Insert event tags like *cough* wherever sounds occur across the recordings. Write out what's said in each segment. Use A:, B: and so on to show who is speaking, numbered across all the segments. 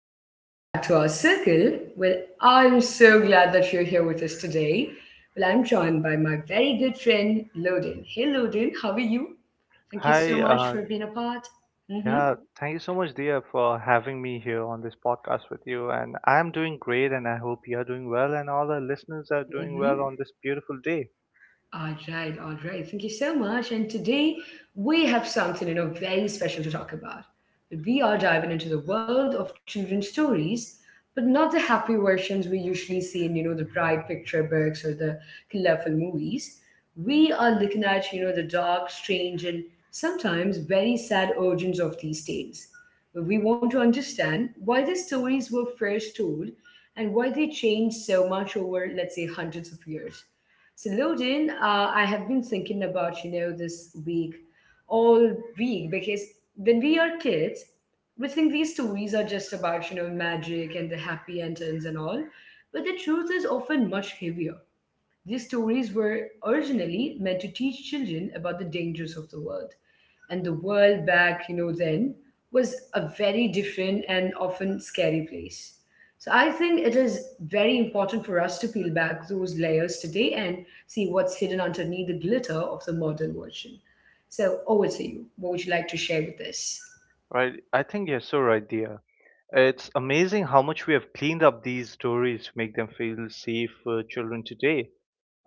A: and welcome back to our circle. I'm so glad that you're here with us today. I'm joined by my very good friend, Loden. Hey, Loden, how are you? Thank you so
B: Hi,
A: much for being a part. Mm-hmm.
B: yeah, thank you so much, Dia, for having me here on this podcast with you. And I'm doing great, and I hope you're doing well, and all our listeners are doing well on this beautiful day,
A: All right, all right. Thank you so much. And today we have something, very special to talk about. We are diving into the world of children's stories, but not the happy versions we usually see in, the bright picture books or the colorful movies. We are looking at, the dark, strange, and sometimes very sad origins of these tales. We want to understand why these stories were first told and why they changed so much over, let's say, hundreds of years. So, Loden, I have been thinking about, this week, all week, because when we are kids, we think these stories are just about, magic and the happy endings and all. But the truth is often much heavier. These stories were originally meant to teach children about the dangers of the world. And the world back, then was a very different and often scary place. So I think it is very important for us to peel back those layers today and see what's hidden underneath the glitter of the modern version. So over to you. What would you like to share with this?
B: right? I think you're so right, Dia. It's amazing how much we have cleaned up these stories to make them feel safe for children today.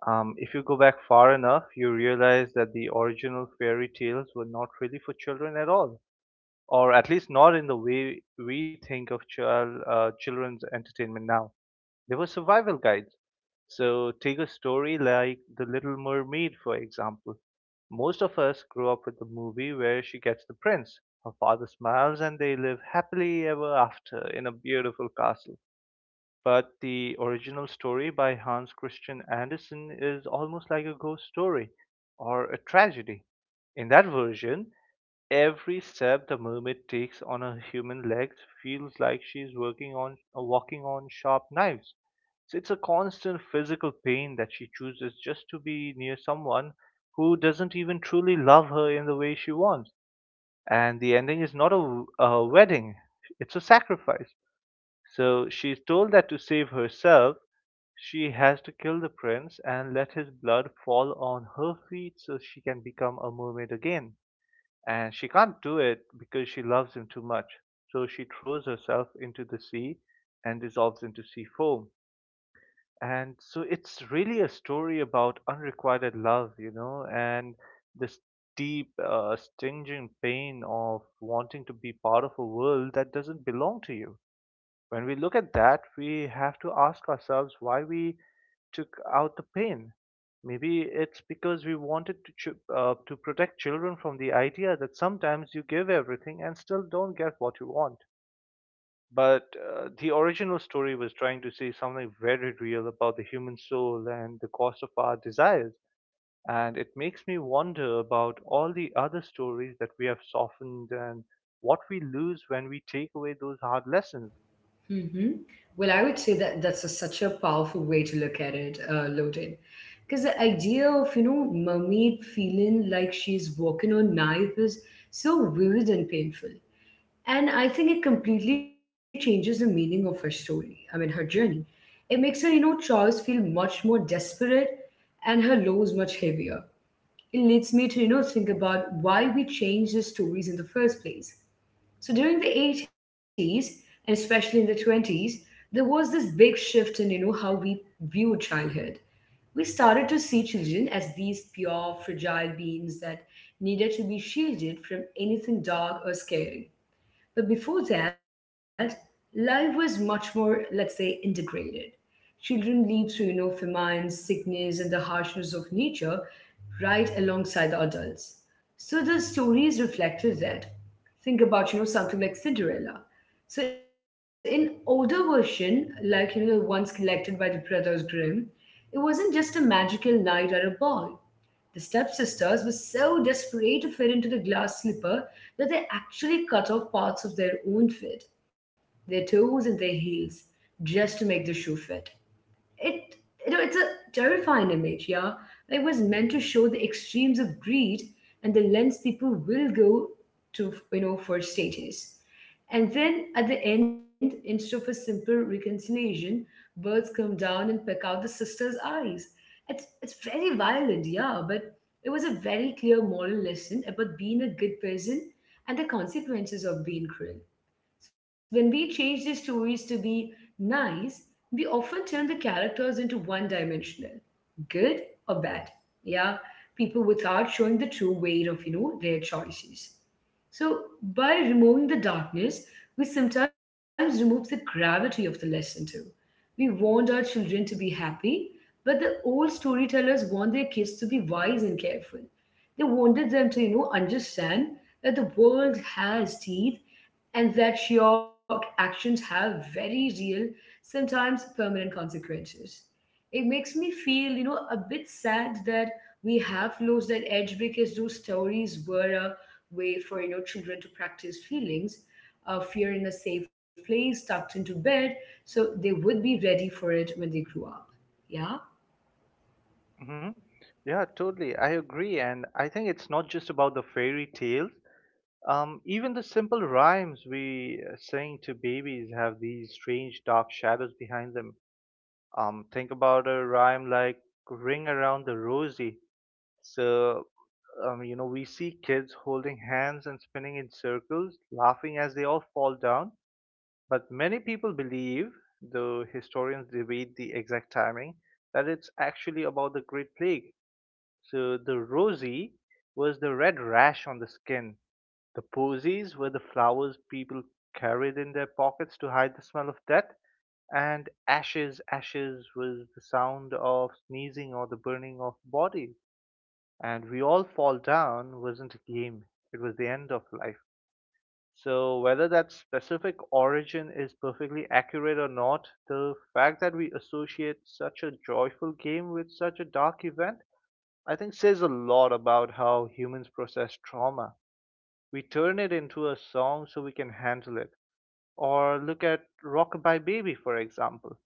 B: If you go back far enough, you realize that the original fairy tales were not really for children at all, or at least not in the way we think of children's entertainment now. They were survival guides. So take a story like The Little Mermaid, for example. Most of us grew up with the movie where she gets the prince, her father smiles, and they live happily ever after in a beautiful castle. But the original story by Hans Christian Andersen is almost like a ghost story or a tragedy. In that version, every step the mermaid takes on her human legs feels like she's working on walking on sharp knives. So it's a constant physical pain that she chooses just to be near someone who doesn't even truly love her in the way she wants. And the ending is not a wedding, it's a sacrifice. So she's told that to save herself, she has to kill the prince and let his blood fall on her feet so she can become a mermaid again, and she can't do it because she loves him too much. So she throws herself into the sea and dissolves into sea foam. And so it's really a story about unrequited love, and this deep, stinging pain of wanting to be part of a world that doesn't belong to you. When we look at that, we have to ask ourselves why we took out the pain. Maybe it's because we wanted to to protect children from the idea that sometimes you give everything and still don't get what you want. But the original story was trying to say something very real about the human soul and the cost of our desires. And it makes me wonder about all the other stories that we have softened and what we lose when we take away those hard lessons.
A: hmm Well, I would say that such a powerful way to look at it, Loden. Because the idea of, mermaid feeling like she's walking on knife is so vivid and painful. And I think it completely changes the meaning of her story, I mean, her journey. It makes her, choice feel much more desperate and her lows much heavier. It leads me to, think about why we change the stories in the first place. So during the '80s and especially in the '20s, there was this big shift in, you know, how we viewed childhood. We started to see children as these pure, fragile beings that needed to be shielded from anything dark or scary. But before that, life was much more, let's say, integrated. Children lived through, famine, sickness, and the harshness of nature right alongside the adults. So the stories reflected that. Think about, something like Cinderella. So in older version, like, you know, the ones collected by the brothers Grimm, it wasn't just a magical night at a ball. The stepsisters were so desperate to fit into the glass slipper that they actually cut off parts of their own feet, their toes and their heels, just to make the shoe fit it. It's a terrifying image, yeah. It was meant to show the extremes of greed and the lengths people will go to, for status. And then at the end, instead of a simple reconciliation, birds come down and peck out the sister's eyes. It's very violent, yeah, but it was a very clear moral lesson about being a good person and the consequences of being cruel. So when we change the stories to be nice, we often turn the characters into one dimensional, good or bad. Yeah, people, without showing the true weight of, their choices. So by removing the darkness, we sometimes remove the gravity of the lesson too. We want our children to be happy, but the old storytellers want their kids to be wise and careful. They wanted them to, understand that the world has teeth and that your actions have very real, sometimes permanent consequences. It makes me feel, a bit sad that we have lost that edge, because those stories were a way for, children to practice feelings of fear in a safe place, tucked into bed, so they would be ready for it when they grew up. Yeah.
B: Hmm. Yeah, totally, I agree. And I think it's not just about the fairy tales. Even the simple rhymes we sing to babies have these strange dark shadows behind them. Think about a rhyme like Ring Around the Rosie. So, we see kids holding hands and spinning in circles, laughing as they all fall down. But many people believe, though historians debate the exact timing, that it's actually about the Great Plague. So the rosy was the red rash on the skin. The posies were the flowers people carried in their pockets to hide the smell of death. And ashes, ashes was the sound of sneezing or the burning of bodies. And we all fall down wasn't a game, it was the end of life. So, whether that specific origin is perfectly accurate or not, the fact that we associate such a joyful game with such a dark event, I think, says a lot about how humans process trauma. We turn it into a song so we can handle it. Or look at Rockabye Baby, for example.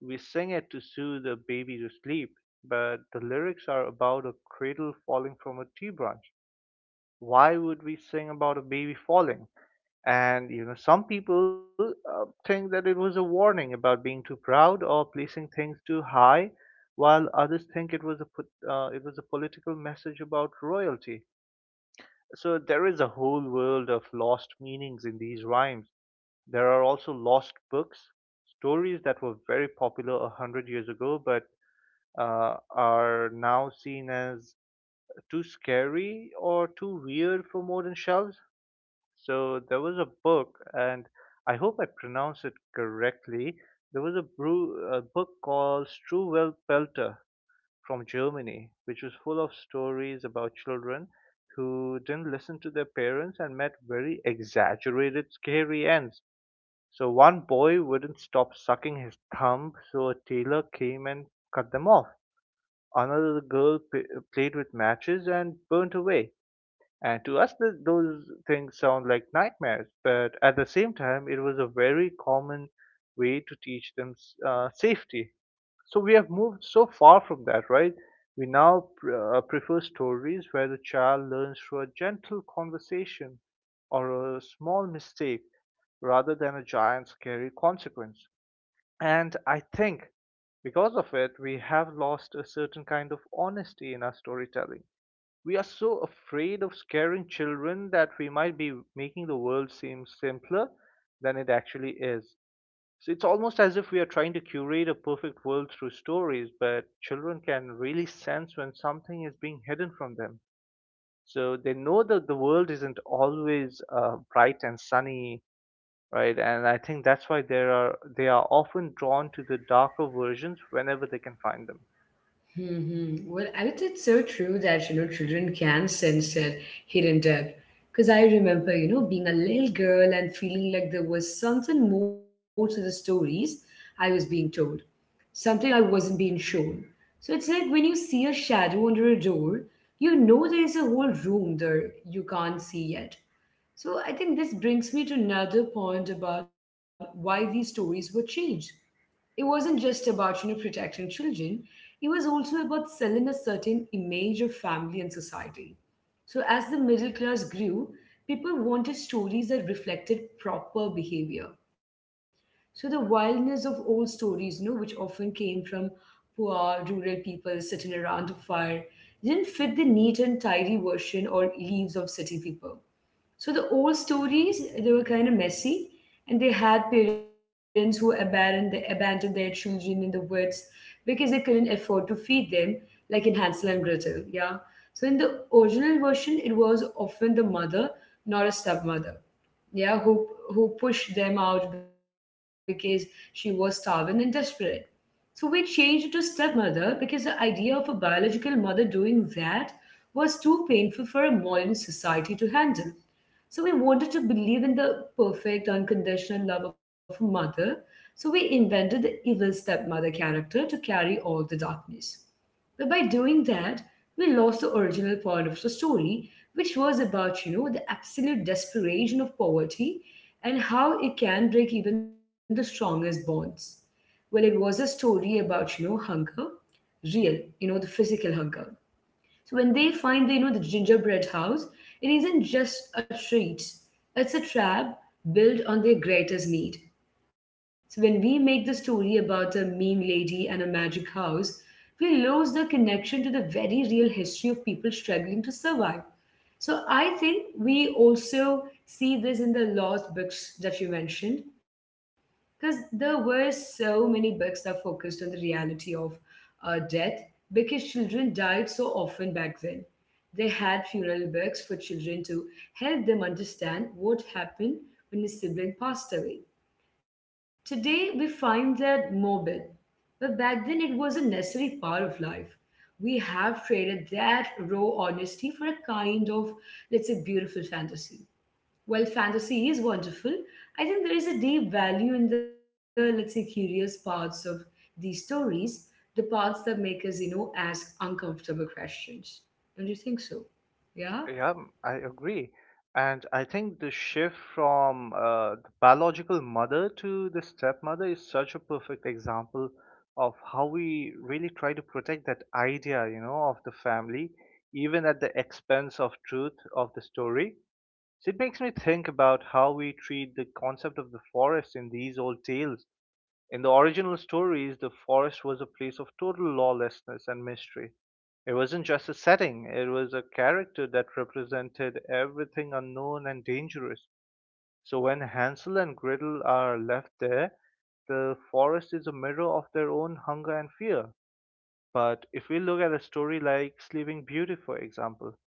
B: We sing it to soothe a baby to sleep, but the lyrics are about a cradle falling from a tree branch. Why would we sing about a baby falling? And some people think that it was a warning about being too proud or placing things too high, while others think it was a political message about royalty. So there is a whole world of lost meanings in these rhymes. There are also lost books, stories that were very popular a hundred years ago, but are now seen as too scary or too weird for modern shelves. So there was a book, and I hope I pronounce it correctly. There was a book called Struwelpeter Pelter from Germany, which was full of stories about children who didn't listen to their parents and met very exaggerated, scary ends. So one boy wouldn't stop sucking his thumb, so a tailor came and cut them off. Another girl played with matches and burnt away. And to us, those things sound like nightmares, but at the same time, it was a very common way to teach them safety. So we have moved so far from that, right? We now prefer stories where the child learns through a gentle conversation or a small mistake rather than a giant scary consequence. And I think because of it, we have lost a certain kind of honesty in our storytelling. We are so afraid of scaring children that we might be making the world seem simpler than it actually is. So it's almost as if we are trying to curate a perfect world through stories, but children can really sense when something is being hidden from them. So they know that the world isn't always bright and sunny, right? And I think that's why they are often drawn to the darker versions whenever they can find them.
A: Well, I think it's so true that, children can sense their hidden depth. Because I remember, being a little girl and feeling like there was something more to the stories I was being told, something I wasn't being shown. So it's like when you see a shadow under a door, you know there is a whole room there you can't see yet. So I think this brings me to another point about why these stories were changed. It wasn't just about, you know, protecting children. It was also about selling a certain image of family and society. So as the middle class grew, people wanted stories that reflected proper behavior. So the wildness of old stories, which often came from poor rural people sitting around a fire, didn't fit the neat and tidy version or leaves of city people. So the old stories, they were kind of messy, and they had parents who abandoned abandoned their children in the woods because they couldn't afford to feed them, like in Hansel and Gretel. Yeah. So in the original version, it was often the mother, not a stepmother, yeah, who pushed them out because she was starving and desperate. So we changed it to stepmother because the idea of a biological mother doing that was too painful for a modern society to handle. So we wanted to believe in the perfect, unconditional love of a mother. So we invented the evil stepmother character to carry all the darkness. But by doing that, we lost the original part of the story, which was about, the absolute desperation of poverty and how it can break even the strongest bonds. Well, it was a story about, hunger, real, the physical hunger. So when they find the, the gingerbread house, it isn't just a treat. It's a trap built on their greatest need. So when we make the story about a mean lady and a magic house, we lose the connection to the very real history of people struggling to survive. So I think we also see this in the lost books that you mentioned, because there were so many books that focused on the reality of death, because children died so often back then. They had funeral books for children to help them understand what happened when a sibling passed away. Today we find that morbid, but back then it was a necessary part of life. We have traded that raw honesty for a kind of, let's say, beautiful fantasy. While fantasy is wonderful, I think there is a deep value in the, let's say, curious parts of these stories, the parts that make us, ask uncomfortable questions. Don't you think so? Yeah?
B: Yeah, I agree. And I think the shift from the biological mother to the stepmother is such a perfect example of how we really try to protect that idea of the family, even at the expense of truth of the story. So it makes me think about how we treat the concept of the forest in these old tales. In the original stories, the forest was a place of total lawlessness and mystery. It wasn't just a setting, it was a character that represented everything unknown and dangerous. So when Hansel and Gretel are left there, the forest is a mirror of their own hunger and fear. But if we look at a story like Sleeping Beauty, for example,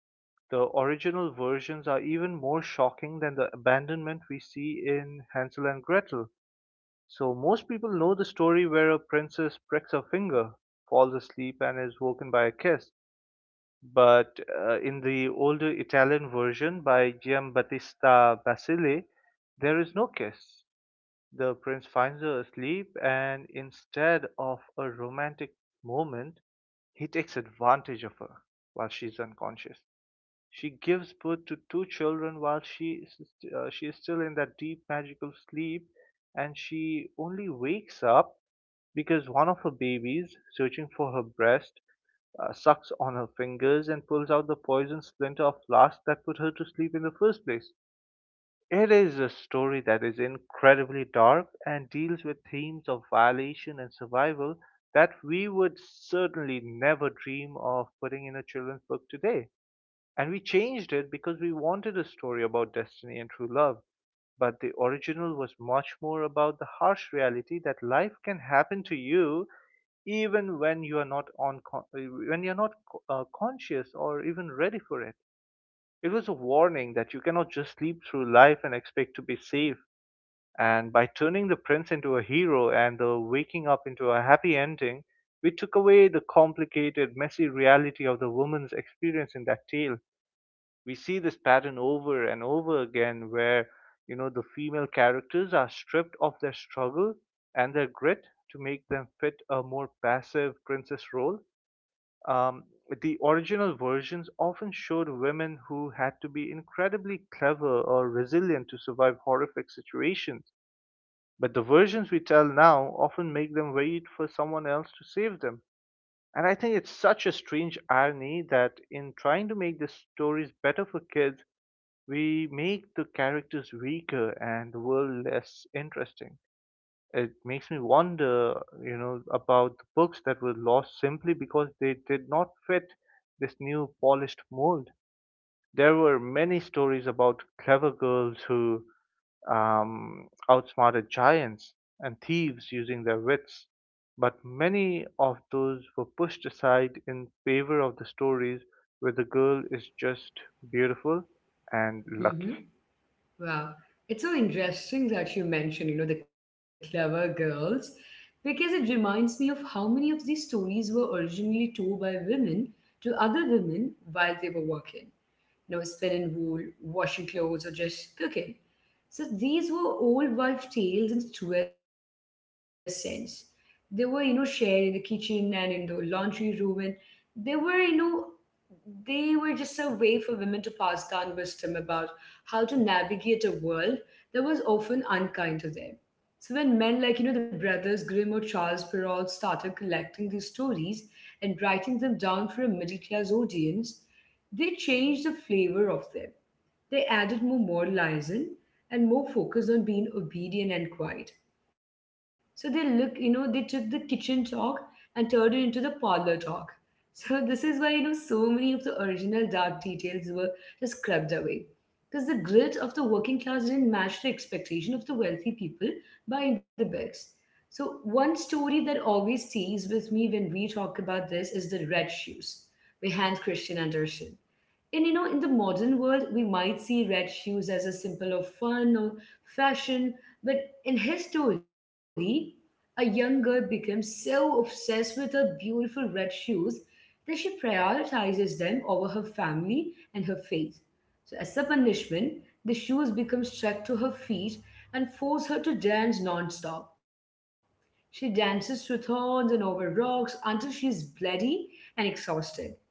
B: the original versions are even more shocking than the abandonment we see in Hansel and Gretel. So most people know the story where a princess pricks her finger, falls asleep, and is woken by a kiss. But in the older Italian version by Giambattista Basile, there is no kiss. The prince finds her asleep, and instead of a romantic moment, he takes advantage of her while she's unconscious. She gives birth to two children while she is still in that deep magical sleep, and she only wakes up because one of her babies, searching for her breast, sucks on her fingers and pulls out the poison splinter of lust that put her to sleep in the first place. It is a story that is incredibly dark and deals with themes of violation and survival that we would certainly never dream of putting in a children's book today. And we changed it because we wanted a story about destiny and true love. But the original was much more about the harsh reality that life can happen to you even when you are not on con- when you're not conscious or even ready for it. It was a warning that you cannot just sleep through life and expect to be safe. And by turning the prince into a hero and the waking up into a happy ending, we took away the complicated messy reality of the woman's experience in that tale. We see this pattern over and over again where the female characters are stripped of their struggle and their grit to make them fit a more passive princess role. um, the original versions often showed women who had to be incredibly clever or resilient to survive horrific situations, but the versions we tell now often make them wait for someone else to save them. And I think it's such a strange irony that in trying to make the stories better for kids, we make the characters weaker and the world less interesting. It makes me wonder about the books that were lost simply because they did not fit this new polished mold. There were many stories about clever girls who outsmarted giants and thieves using their wits, but many of those were pushed aside in favor of the stories where the girl is just beautiful and lucky.
A: Mm-hmm. Wow. It's so interesting that you mentioned, the clever girls, because it reminds me of how many of these stories were originally told by women to other women while they were working, you know, spinning wool, washing clothes, or just cooking. So these were old wife tales in the truest sense. They were, shared in the kitchen and in the laundry room, and they were, you know, they were just a way for women to pass down wisdom about how to navigate a world that was often unkind to them. So when men like, the brothers Grimm or Charles Perrault started collecting these stories and writing them down for a middle class audience, they changed the flavor of them. They added more moralizing and more focus on being obedient and quiet. So they look, they took the kitchen talk and turned it into the parlor talk. *laughs* So this is why, so many of the original dark details were just scrubbed away. Because the grit of the working class didn't match the expectation of the wealthy people buying the books. So one story that always stays with me when we talk about this is the red shoes by Hans Christian Andersen. And, you know, in the modern world, we might see red shoes as a symbol of fun or fashion, but in his story, a young girl becomes so obsessed with her beautiful red shoes that she prioritizes them over her family and her faith. So, as a punishment, the shoes become stuck to her feet and force her to dance non-stop. She dances through thorns and over rocks until she's bloody and exhausted,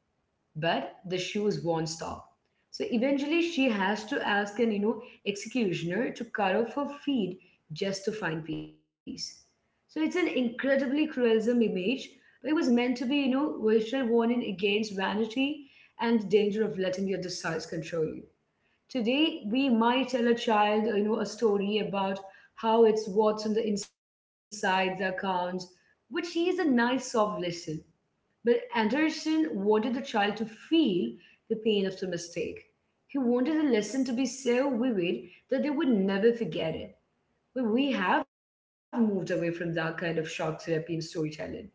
A: but the shoes won't stop. So eventually, she has to ask an, executioner to cut off her feet just to find peace. So it's an incredibly cruelism image, but it was meant to be, you know, virtual warning against vanity and the danger of letting your desires control you. Today, we might tell a child, you know, a story about how it's what's on the inside that counts, which is a nice soft lesson. But Anderson wanted the child to feel the pain of the mistake. He wanted the lesson to be so vivid that they would never forget it. But we have moved away from that kind of shock therapy in storytelling, right?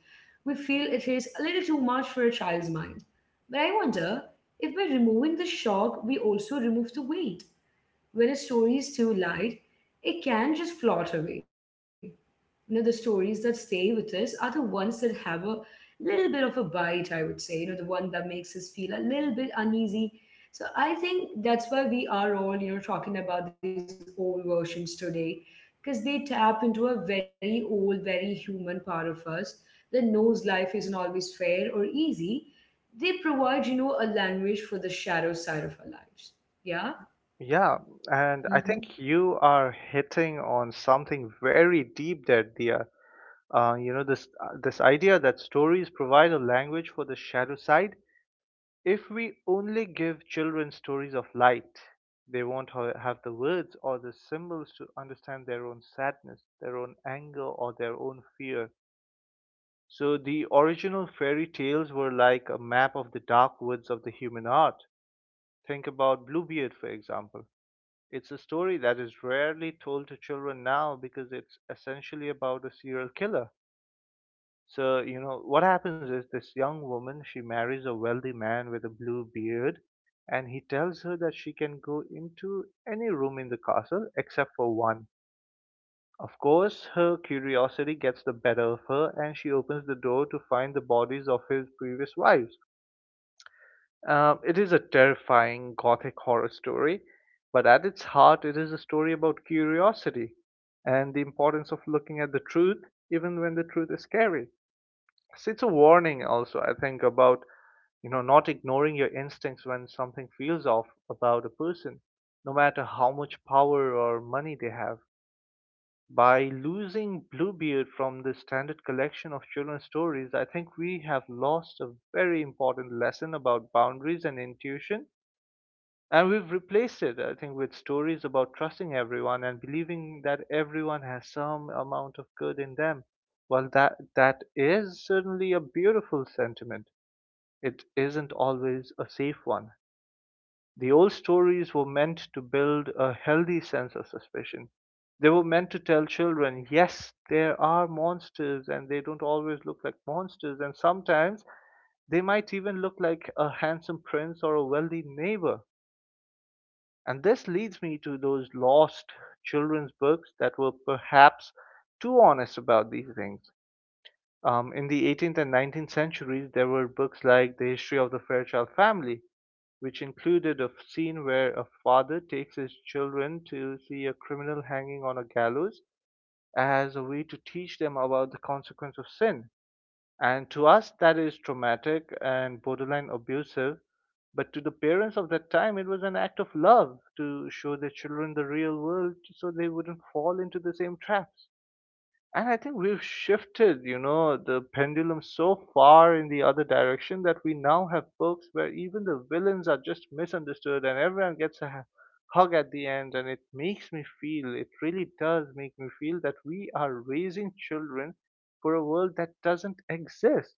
A: We feel it is a little too much for a child's mind. But I wonder if by removing the shock, we also remove the weight. When a story is too light, it can just float away. The stories that stay with us are the ones that have a little bit of a bite, I would say, the one that makes us feel a little bit uneasy. So I think that's why we are all, talking about these old versions today, because they tap into a very old, very human part of us that knows life isn't always fair or easy. They provide, a language for the shadow side of our lives. Yeah.
B: Yeah, and I
A: Hmm.
B: think you are hitting on something very deep there, Dia. You know this this idea that stories provide a language for the shadow side. If we only give children stories of light, they won't have the words or the symbols to understand their own sadness, their own anger, or their own fear. So the original fairy tales were like a map of the dark woods of the human heart. Think about Bluebeard, for example, it's a story that is rarely told to children now because it's essentially about a serial killer. So, you know, what happens is this young woman, she marries a wealthy man with a blue beard, and he tells her that she can go into any room in the castle except for one. Of course, her curiosity gets the better of her, and she opens the door to find the bodies of his previous wives. It is a terrifying gothic horror story, but at its heart, it is a story about curiosity and the importance of looking at the truth, even when the truth is scary. So it's a warning, also, I think, about not ignoring your instincts when something feels off about a person, no matter how much power or money they have. By losing Bluebeard from the standard collection of children's stories, I think we have lost a very important lesson about boundaries and intuition, and we've replaced it, I think, with stories about trusting everyone and believing that everyone has some amount of good in them. Well, that is certainly a beautiful sentiment. It isn't always a safe one. The old stories were meant to build a healthy sense of suspicion. They were meant to tell children, yes, there are monsters, and they don't always look like monsters, and sometimes they might even look like a handsome prince or a wealthy neighbor, and this leads me to those lost children's books that were perhaps too honest about these things. In the 18th and 19th centuries, there were books like The History of the Fairchild Family, which included a scene where a father takes his children to see a criminal hanging on a gallows as a way to teach them about the consequence of sin. And to us, that is traumatic and borderline abusive. But to the parents of that time, it was an act of love to show their children the real world so they wouldn't fall into the same traps. And I think we've shifted, you know, the pendulum so far in the other direction that we now have books where even the villains are just misunderstood and everyone gets a hug at the end. And it makes me feel, it really does make me feel that we are raising children for a world that doesn't exist.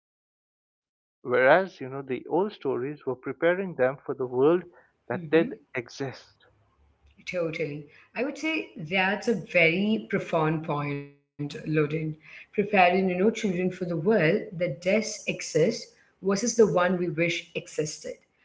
B: Whereas, you know, the old stories were preparing them for the world that did exist.
A: Totally. I would say that's a very profound point, Loden. Preparing, children for the world that does exist versus the one we wish existed.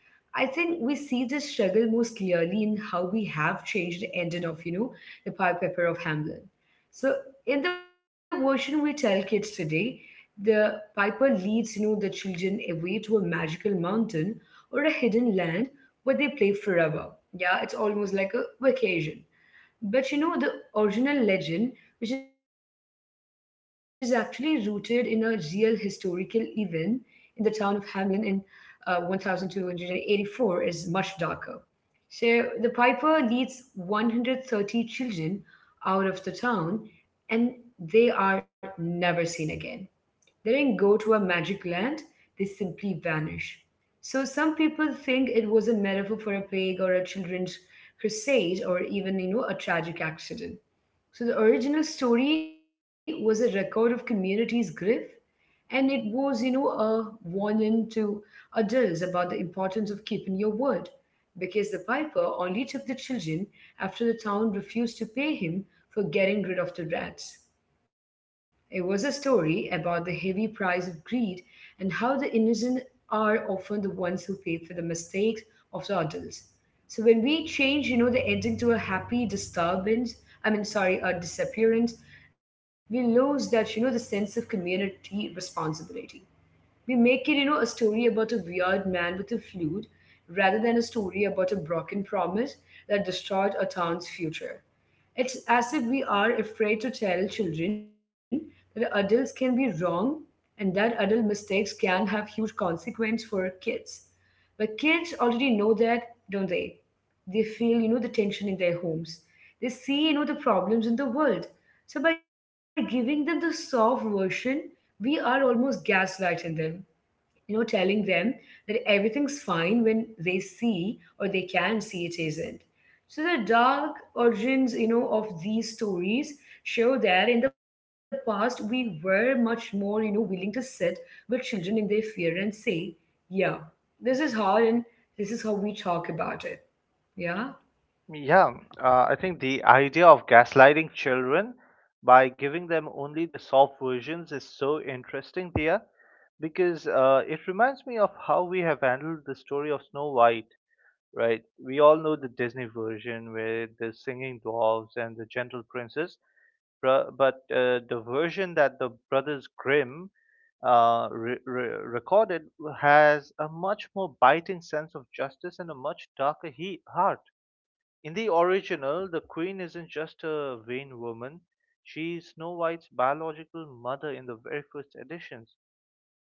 A: I think we see this struggle most clearly in how we have changed the ending of, the Pied Piper of Hamlin. So in the version we tell kids today, the piper leads, the children away to a magical mountain or a hidden land where they play forever. Yeah, it's almost like a vacation. But you know, the original legend, which is actually rooted in a real historical event in the town of Hamlin in 1284, is much darker. So the piper leads 130 children out of the town and they are never seen again. They don't go to a magic land, they simply vanish. So some people think it was a metaphor for a plague or a children's crusade or even, you know, a tragic accident. So the original story was a record of community's grief, and it was, you know, a warning to adults about the importance of keeping your word, because the piper only took the children after the town refused to pay him for getting rid of the rats. It was a story about the heavy price of greed and how the innocent are often the ones who pay for the mistakes of the adults. So when we change, you know, the ending to a happy disturbance, I mean, sorry, a disappearance, we lose that, you know, the sense of community responsibility. We make it, you know, a story about a weird man with a flute rather than a story about a broken promise that destroyed a town's future. It's as if we are afraid to tell children that adults can be wrong and that adult mistakes can have huge consequence for kids. But kids already know that, don't they? They feel, you know, the tension in their homes. They see, you know, the problems in the world. So by giving them the soft version, we are almost gaslighting them, telling them that everything's fine when they see or they can see it isn't. So the dark origins, you know, of these stories show that in the past we were much more, you know, willing to sit with children in their fear and say, yeah, this is hard and this is how we talk about it. Yeah.
B: Yeah, I think the idea of gaslighting children by giving them only the soft versions is so interesting there because it reminds me of how we have handled the story of Snow White, right? We all know the Disney version with the singing dwarves and the gentle princess, but the version that the Brothers Grimm recorded has a much more biting sense of justice and a much darker heart. In the original, the queen isn't just a vain woman, she's Snow White's biological mother in the very first editions,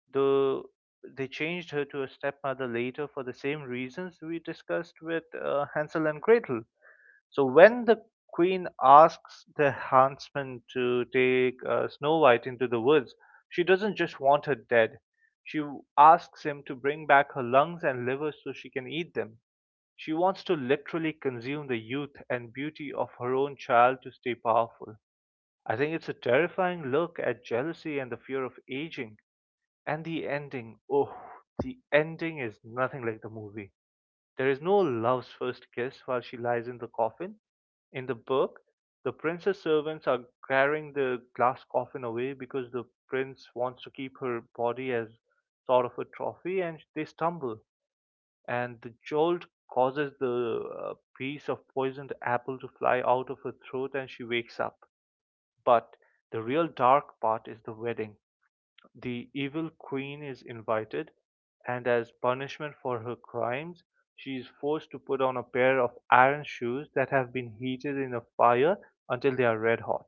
B: though they changed her to a stepmother later for the same reasons we discussed with Hansel and Gretel. So when the queen asks the huntsman to take Snow White into the woods, she doesn't just want her dead. She asks him to bring back her lungs and liver so she can eat them. She wants to literally consume the youth and beauty of her own child to stay powerful. I think it's a terrifying look at jealousy and the fear of aging. And the ending, oh, the ending is nothing like the movie. There is no love's first kiss while she lies in the coffin. In the book, the prince's servants are carrying the glass coffin away because the prince wants to keep her body as sort of a trophy, and they stumble, and the jolt causes the piece of poisoned apple to fly out of her throat, and she wakes up. But the real dark part is the wedding. The evil queen is invited, and as punishment for her crimes, she is forced to put on a pair of iron shoes that have been heated in a fire until they are red hot.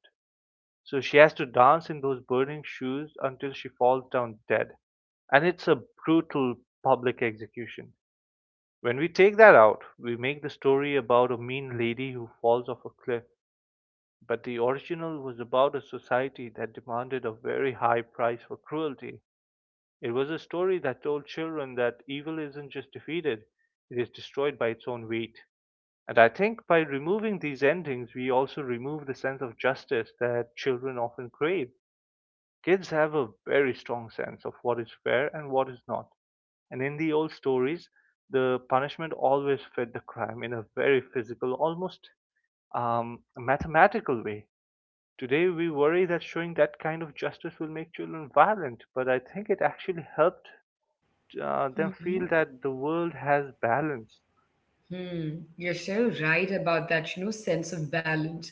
B: So she has to dance in those burning shoes until she falls down dead. And it's a brutal public execution. When we take that out, we make the story about a mean lady who falls off a cliff. But the original was about a society that demanded a very high price for cruelty. It was a story that told children that evil isn't just defeated, it is destroyed by its own weight. And I think by removing these endings, we also remove the sense of justice that children often crave. Kids have a very strong sense of what is fair and what is not. And in the old stories, the punishment always fit the crime in a very physical, almost mathematical way. Today, we worry that showing that kind of justice will make children violent, but I think it actually helped them feel that the world has balance.
A: Hmm, you're so right about that, you know, sense of balance.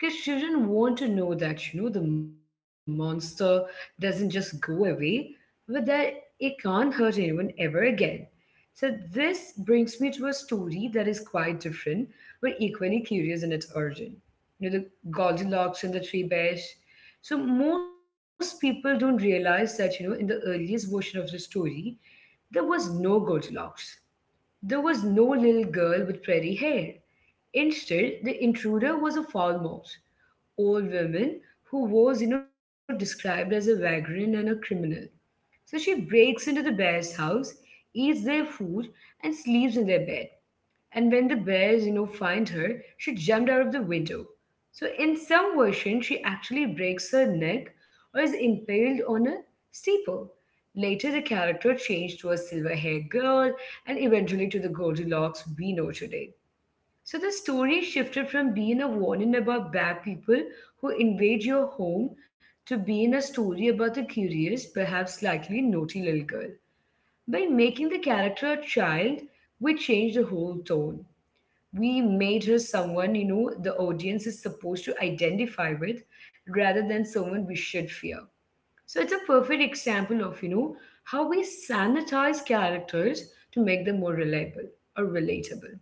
A: Because children want to know that, you know, the monster doesn't just go away, but that it can't hurt anyone ever again. So, this brings me to a story that is quite different, but equally curious in its origin. You know, the Goldilocks and the Three Bears. So, most people don't realize that, you know, in the earliest version of the story, there was no Goldilocks. There was no little girl with pretty hair. Instead, the intruder was a foul mouse, old woman who was, you know, described as a vagrant and a criminal. So she breaks into the bear's house, eats their food, and sleeps in their bed. And when the bears, you know, find her, she jumped out of the window. So in some versions, she actually breaks her neck or is impaled on a steeple. Later, the character changed to a silver-haired girl and eventually to the Goldilocks we know today. So the story shifted from being a warning about bad people who invade your home to being a story about the curious, perhaps slightly naughty little girl. By making the character a child, we changed the whole tone. We made her someone, the audience is supposed to identify with, rather than someone we should fear. So it's a perfect example of, how we sanitize characters to make them more reliable or relatable.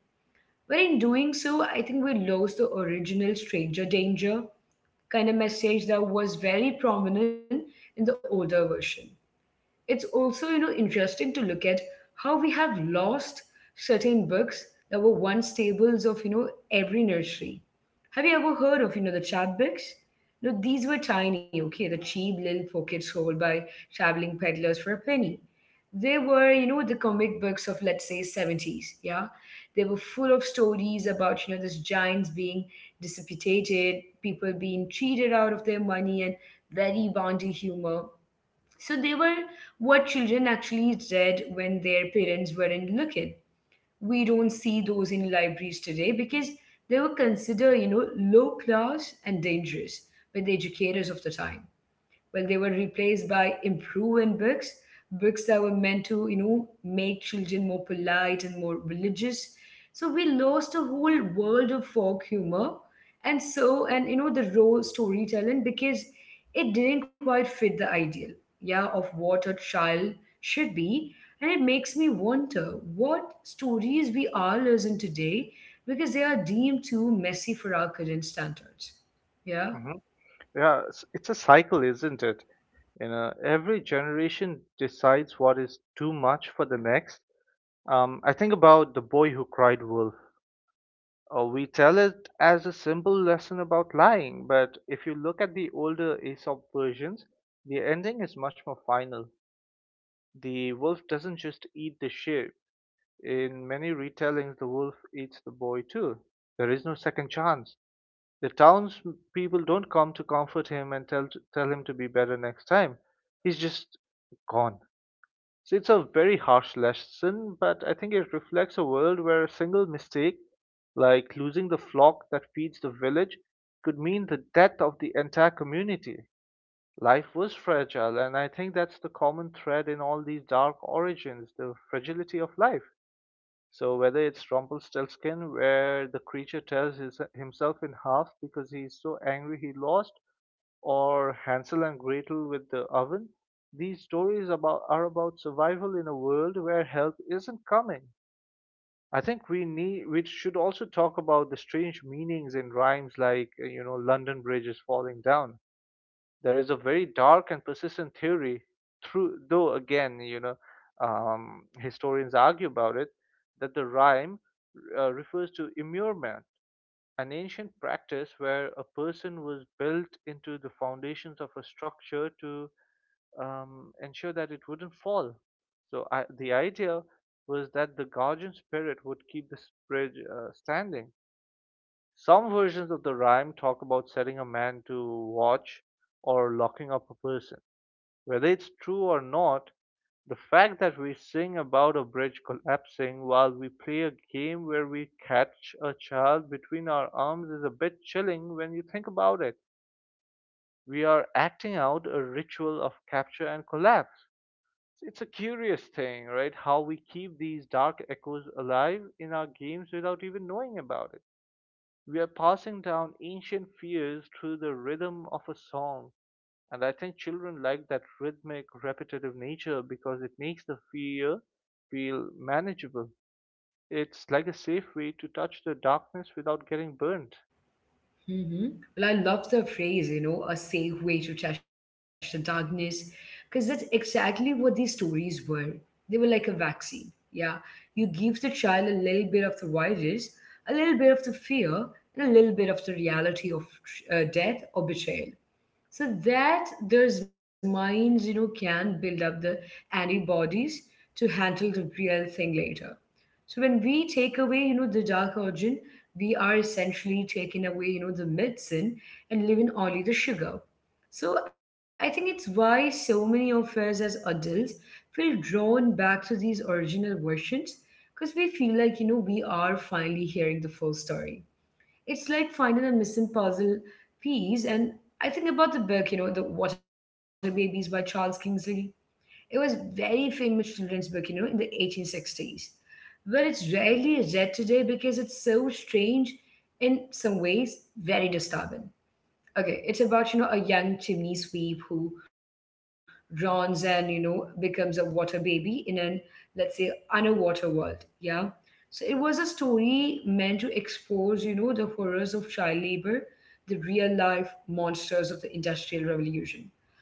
A: But in doing so, I think we lost the original stranger danger kind of message that was very prominent in the older version. It's also, interesting to look at how we have lost certain books that were once tables of, every nursery. Have you ever heard of, the chapbooks? No, these were tiny. Okay, the cheap little pockets sold by traveling peddlers for a penny. They were, the comic books of let's say 70s, yeah. They were full of stories about, these giants being dissipated, people being cheated out of their money, and very bounty humor. So they were what children actually read when their parents weren't looking. We don't see those in libraries today because they were considered, you know, low class and dangerous by the educators of the time. Well, they were replaced by improving books, books that were meant to, you know, make children more polite and more religious. So we lost a whole world of folk humor and so and, the raw storytelling, because it didn't quite fit the ideal, yeah, of what a child should be. And it makes me wonder what stories we are losing today because they are deemed too messy for our current standards. Yeah.
B: Hmm. Yeah, it's a cycle, isn't it? You know, every generation decides what is too much for the next. I think about the boy who cried wolf. We tell it as a simple lesson about lying, but if you look at the older Aesop versions, the ending is much more final. The wolf doesn't just eat the sheep. In many retellings, the wolf eats the boy too. There is no second chance. The townspeople don't come to comfort him and tell him to be better next time. He's just gone. So it's a very harsh lesson, but I think it reflects a world where a single mistake, like losing the flock that feeds the village, could mean the death of the entire community. Life was fragile, and I think that's the common thread in all these dark origins, the fragility of life. So whether it's Rumpelstiltskin, where the creature tears himself in half because he's so angry he lost, or Hansel and Gretel with the oven, these stories about are about survival in a world where help isn't coming. I think we need We should also talk about the strange meanings in rhymes like London Bridge is falling down. There is a very dark and persistent theory, though again, you know, historians argue about it, that the rhyme refers to immurement, an ancient practice where a person was built into the foundations of a structure to ensure that it wouldn't fall. The idea was that the guardian spirit would keep the bridge standing. Some versions of the rhyme talk about setting a man to watch or locking up a person. Whether it's true or not, the fact that we sing about a bridge collapsing while we play a game where we catch a child between our arms is a bit chilling when you think about it. We are acting out a ritual of capture and collapse. It's a curious thing, right? How we keep these dark echoes alive in our games without even knowing about it. We are passing down ancient fears through the rhythm of a song, and I think children like that rhythmic, repetitive nature because it makes the fear feel manageable. It's like a safe way to touch the darkness without getting burnt.
A: Hmm. Well, I love the phrase, you know, a safe way to touch the darkness, because that's exactly what these stories were. They were like a vaccine. Yeah. You give the child a little bit of the virus, a little bit of the fear, and a little bit of the reality of death or betrayal. So that those minds, you know, can build up the antibodies to handle the real thing later. So when we take away, you know, the dark origin, we are essentially taking away, you know, the medicine and leaving only the sugar. So I think it's why so many of us as adults feel drawn back to these original versions, because we feel like, you know, we are finally hearing the full story. It's like finding a missing puzzle piece. And I think about the book, you know, The Water Babies by Charles Kingsley. It was very famous children's book, you know, in the 1860s. But it's rarely read today because it's so strange, in some ways, very disturbing. Okay, it's about, you know, a young chimney sweep who drowns and, you know, becomes a water baby in an, let's say, underwater world. Yeah. So it was a story meant to expose, you know, the horrors of child labor, the real life monsters of the Industrial Revolution.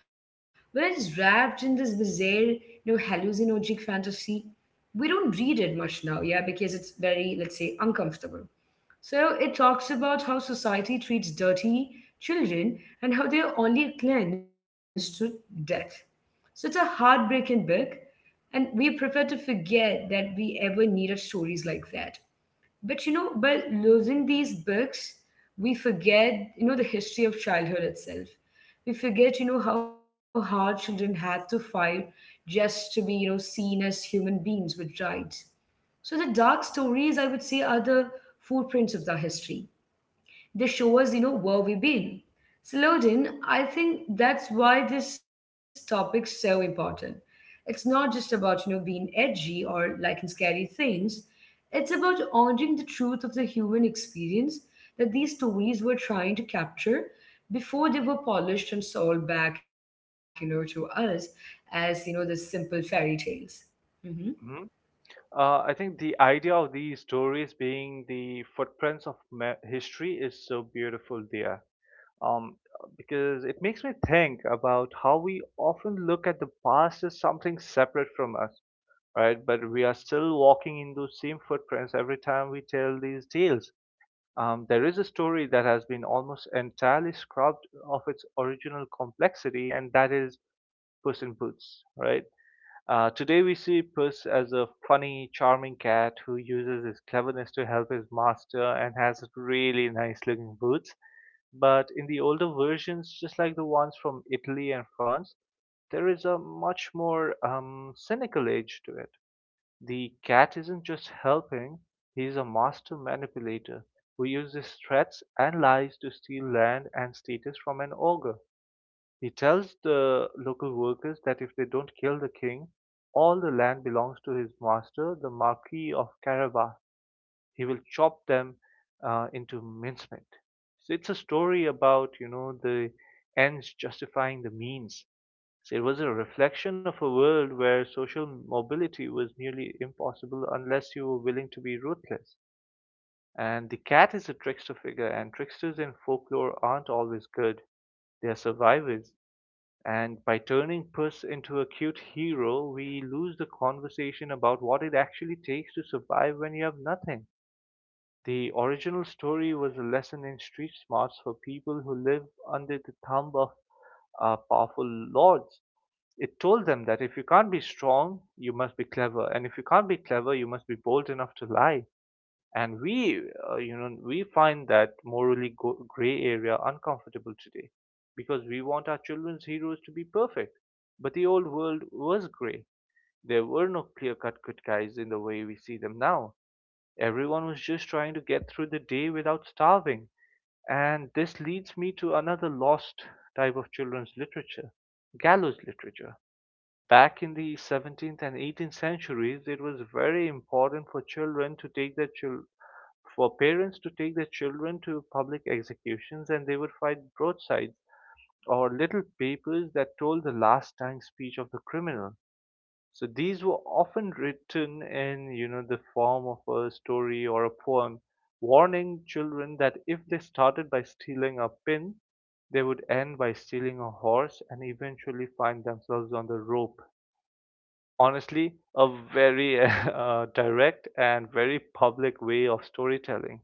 A: We it's wrapped in this bizarre, you know, hallucinogenic fantasy. We don't read it much now, yeah, because it's very, let's say, uncomfortable. So it talks about how society treats dirty children and how they're only cleansed through death. So it's a heartbreaking book, and we prefer to forget that we ever needed stories like that. But you know, by losing these books, we forget, you know, the history of childhood itself. We forget, you know, how hard children had to fight just to be, you know, seen as human beings with rights. So the dark stories, I would say, are the footprints of the history. They show us, you know, where we've been. So, Loden, I think that's why this topic's so important. It's not just about, you know, being edgy or liking scary things. It's about honoring the truth of the human experience that these stories were trying to capture before they were polished and sold back, you know, to us as, you know, the simple fairy tales.
B: Hmm. I think the idea of these stories being the footprints of history is so beautiful there. Um, because it makes me think about how we often look at the past as something separate from us, right? But we are still walking in those same footprints every time we tell these tales. There is a story that has been almost entirely scrubbed of its original complexity, and that is Puss in Boots, right? Today we see Puss as a funny, charming cat who uses his cleverness to help his master and has really nice looking boots. But in the older versions, just like the ones from Italy and France, there is a much more cynical edge to it. The cat isn't just helping, he's a master manipulator who uses threats and lies to steal land and status from an ogre. He tells the local workers that if they don't kill the king, all the land belongs to his master, the Marquis of Carabas. He will chop them into mincemeat. So it's a story about, you know, the ends justifying the means. So it was a reflection of a world where social mobility was nearly impossible unless you were willing to be ruthless. And the cat is a trickster figure, and tricksters in folklore aren't always good, they are survivors. And by turning Puss into a cute hero, we lose the conversation about what it actually takes to survive when you have nothing. The original story was a lesson in street smarts for people who live under the thumb of powerful lords. It told them that if you can't be strong, you must be clever, and if you can't be clever, you must be bold enough to lie. And we, you know, We find that morally gray area uncomfortable today because we want our children's heroes to be perfect. But the old world was gray. There were no clear cut good guys in the way we see them now. Everyone was just trying to get through the day without starving. And this leads me to another lost type of children's literature, gallows literature. Back in the 17th and 18th centuries, it was very important for children to take their chil- for parents to take their children to public executions, and they would find broadsides or little papers that told the last dying speech of the criminal. So these were often written in, the form of a story or a poem, warning children that if they started by stealing a pin, they would end by stealing a horse and eventually find themselves on the rope. Honestly, a very *laughs* direct and very public way of storytelling.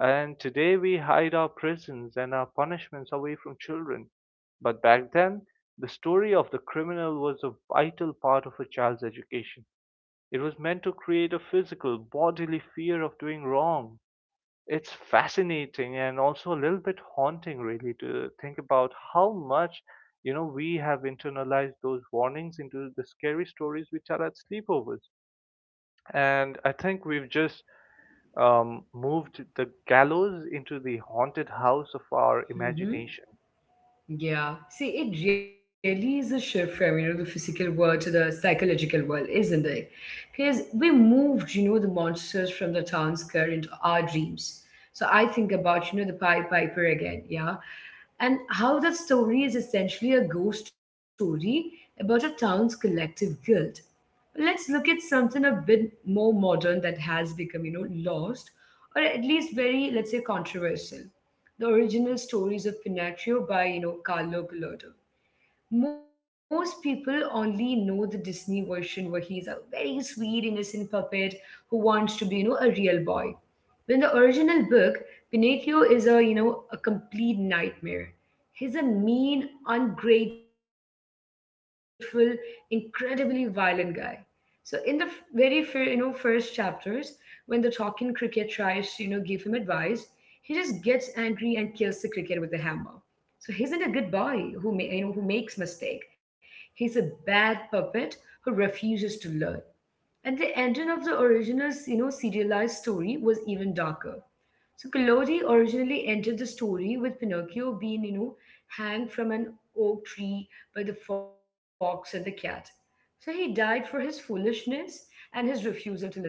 B: And today we hide our prisons and our punishments away from children. But back then, the story of the criminal was a vital part of a child's education. It was meant to create a physical, bodily fear of doing wrong. It's fascinating and also a little bit haunting really to think about how much we have internalized those warnings into the scary stories which are at sleepovers, and I think we've just moved the gallows into the haunted house of our
A: Mm-hmm.
B: imagination.
A: Yeah. See, it really is a shift from, you know, the physical world to the psychological world, isn't it? Because we moved, you know, the monsters from the town square into our dreams. So I think about, you know, the Pied Piper again, yeah? And how that story is essentially a ghost story about a town's collective guilt. But let's look at something a bit more modern that has become, you know, lost or at least very, let's say, controversial. The original stories of Pinocchio by, you know, Carlo Collodi. Most people only know the Disney version where he is a very sweet, innocent puppet who wants to be, a real boy. When the original book, Pinocchio is a complete nightmare. He's a mean, ungrateful, incredibly violent guy. So in the very first chapters, when the talking cricket tries to give him advice, he just gets angry and kills the cricket with a hammer. So he isn't a good boy who ma- you know who makes mistake. He's a bad puppet who refuses to learn. And the ending of the original serialized story was even darker. So Collodi originally entered the story with Pinocchio being, hanged from an oak tree by the fox and the cat. So he died for his foolishness and his refusal to listen.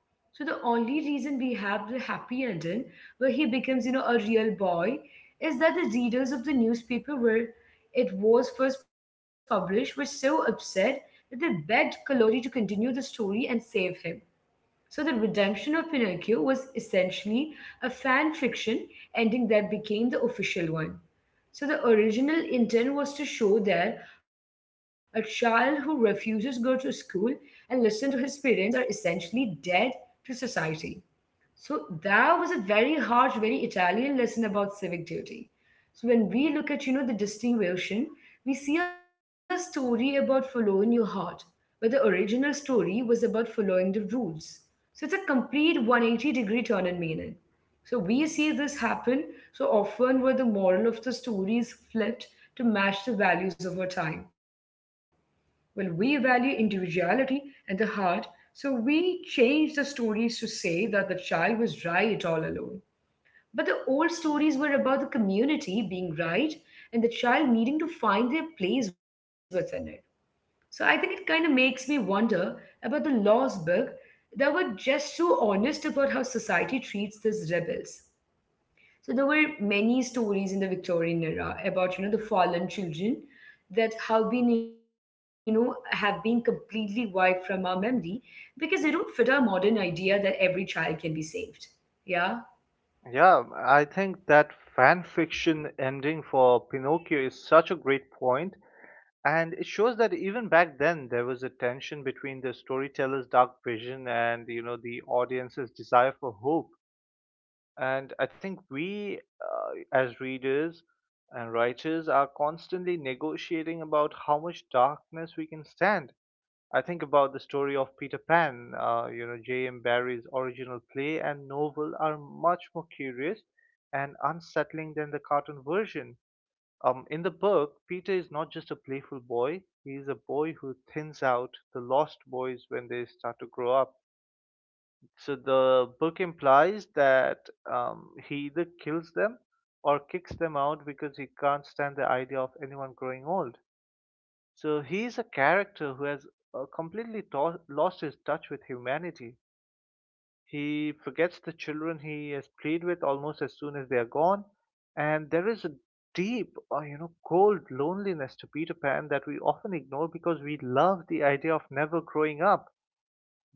A: So the only reason we have the happy ending where he becomes, a real boy is that the readers of the newspaper where it was first published were so upset that they begged Kalori to continue the story and save him. So the redemption of Pinocchio was essentially a fan fiction ending that became the official one. So the original intent was to show that a child who refuses to go to school and listen to his parents are essentially dead to society. So that was a very harsh, very Italian lesson about civic duty. So when we look at, the distinguishing, we see a story about following your heart. But the original story was about following the rules. So it's a complete 180 degree turn in meaning. So we see this happen so often where the moral of the story is flipped to match the values of our time. Well, we value individuality and the heart, so we changed the stories to say that the child was right all alone. But the old stories were about the community being right and the child needing to find their place within it. So I think it kind of makes me wonder about the laws book that were just so honest about how society treats these rebels. So there were many stories in the Victorian era about the fallen children that have been have been completely wiped from our memory because they don't fit our modern idea that every child can be saved. Yeah.
B: Yeah, I think that fan fiction ending for Pinocchio is such a great point, and it shows that even back then there was a tension between the storyteller's dark vision and the audience's desire for hope. And I think we as readers and writers, are constantly negotiating about how much darkness we can stand. I think about the story of Peter Pan. J.M. Barrie's original play and novel are much more curious and unsettling than the cartoon version. In the book, Peter is not just a playful boy, he is a boy who thins out the lost boys when they start to grow up. So the book implies that he either kills them or kicks them out because he can't stand the idea of anyone growing old. So he's a character who has lost his touch with humanity. He forgets the children he has played with almost as soon as they are gone, and there is a deep, cold loneliness to Peter Pan that we often ignore because we love the idea of never growing up.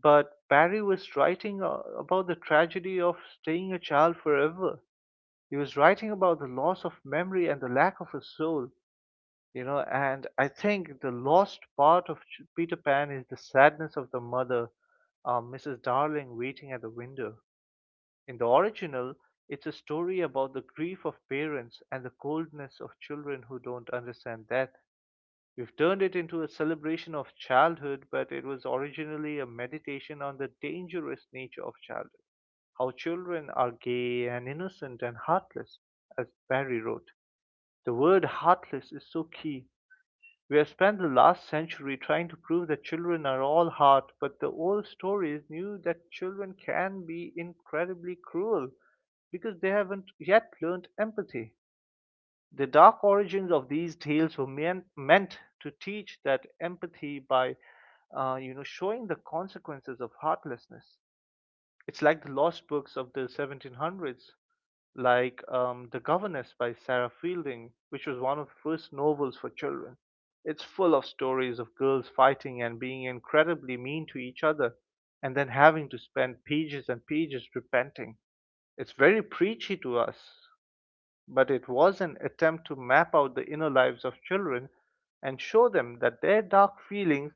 B: But Barry was writing about the tragedy of staying a child forever. He was writing about the loss of memory and the lack of a soul. And I think the lost part of Peter Pan is the sadness of the mother, Mrs. Darling waiting at the window. In the original, it's a story about the grief of parents and the coldness of children who don't understand death. We've turned it into a celebration of childhood, but it was originally a meditation on the dangerous nature of childhood, how children are gay and innocent and heartless, as Barry wrote. The word heartless is so key. We have spent the last century trying to prove that children are all heart, but the old stories knew that children can be incredibly cruel because they haven't yet learned empathy. The dark origins of these tales were meant to teach that empathy by showing the consequences of heartlessness. It's like the lost books of the 1700s, like The Governess by Sarah Fielding, which was one of the first novels for children. It's full of stories of girls fighting and being incredibly mean to each other, and then having to spend pages and pages repenting. It's very preachy to us, but it was an attempt to map out the inner lives of children and show them that their dark feelings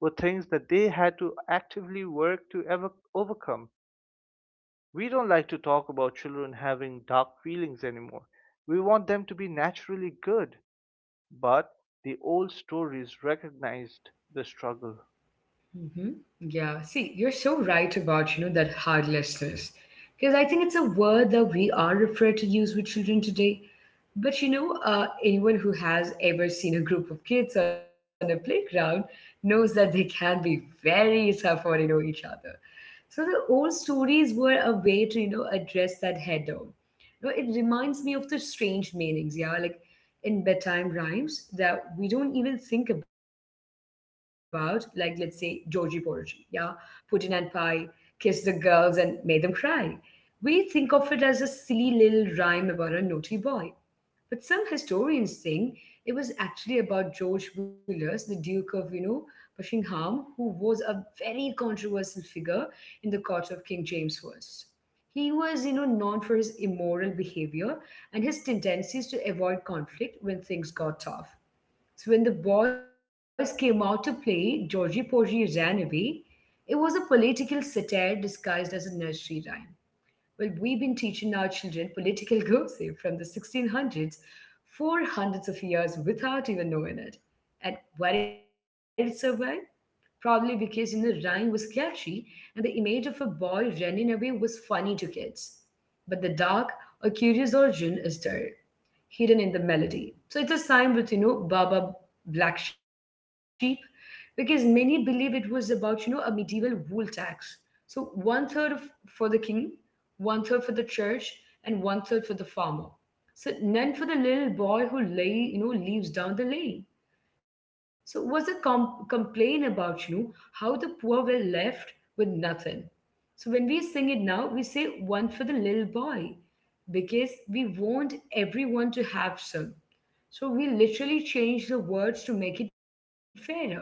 B: were things that they had to actively work to ever overcome. We don't like to talk about children having dark feelings anymore. We want them to be naturally good. But the old stories recognized the struggle.
A: Hmm. Yeah. See, you're so right about, that hardlessness. Because I think it's a word that we are afraid to use with children today. But anyone who has ever seen a group of kids on a playground knows that they can be very tough on, each other. So the old stories were a way to, address that head on. It reminds me of the strange meanings, yeah, like in bedtime rhymes that we don't even think about, like let's say Georgie Porridge, yeah, pudding and pie, kiss the girls and made them cry. We think of it as a silly little rhyme about a naughty boy. But some historians think it was actually about George Villiers, the Duke of, Buckingham, who was a very controversial figure in the court of King James I. He was, known for his immoral behavior and his tendencies to avoid conflict when things got tough. So when the boys came out to play, Georgie Porgy ran away. It was a political satire disguised as a nursery rhyme. Well, we've been teaching our children political *laughs* gossip from the 1600s for hundreds of years without even knowing it. And why did it survive? Probably because rhyme was catchy and the image of a boy running away was funny to kids. But the dark or curious origin is there hidden in the melody. So it's a sign with, Baba Black Sheep, because many believe it was about, a medieval wool tax. So one third of, for the king, one third for the church, and one third for the farmer. So none for the little boy who lay, leaves down the lane. So it was a complaint about, how the poor were left with nothing. So when we sing it now, we say one for the little boy because we want everyone to have some. So we literally change the words to make it fairer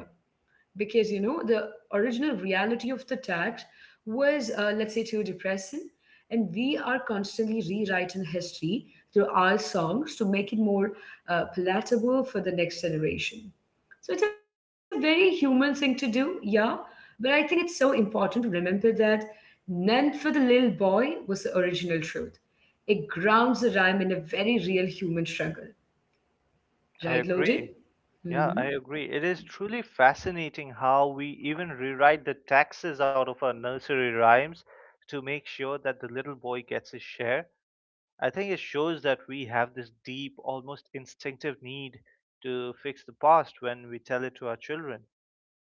A: because the original reality of the tax was, let's say, too depressing, and we are constantly rewriting history through our songs to make it more palatable for the next generation. So it's a very human thing to do, yeah. But I think it's so important to remember that none for the little boy was the original truth. It grounds the rhyme in a very real human struggle,
B: I
A: right, loaded.
B: agree. Yeah,
A: Mm-hmm.
B: I agree. It is truly fascinating how we even rewrite the taxes out of our nursery rhymes to make sure that the little boy gets his share. I think it shows that we have this deep, almost instinctive need to fix the past when we tell it to our children.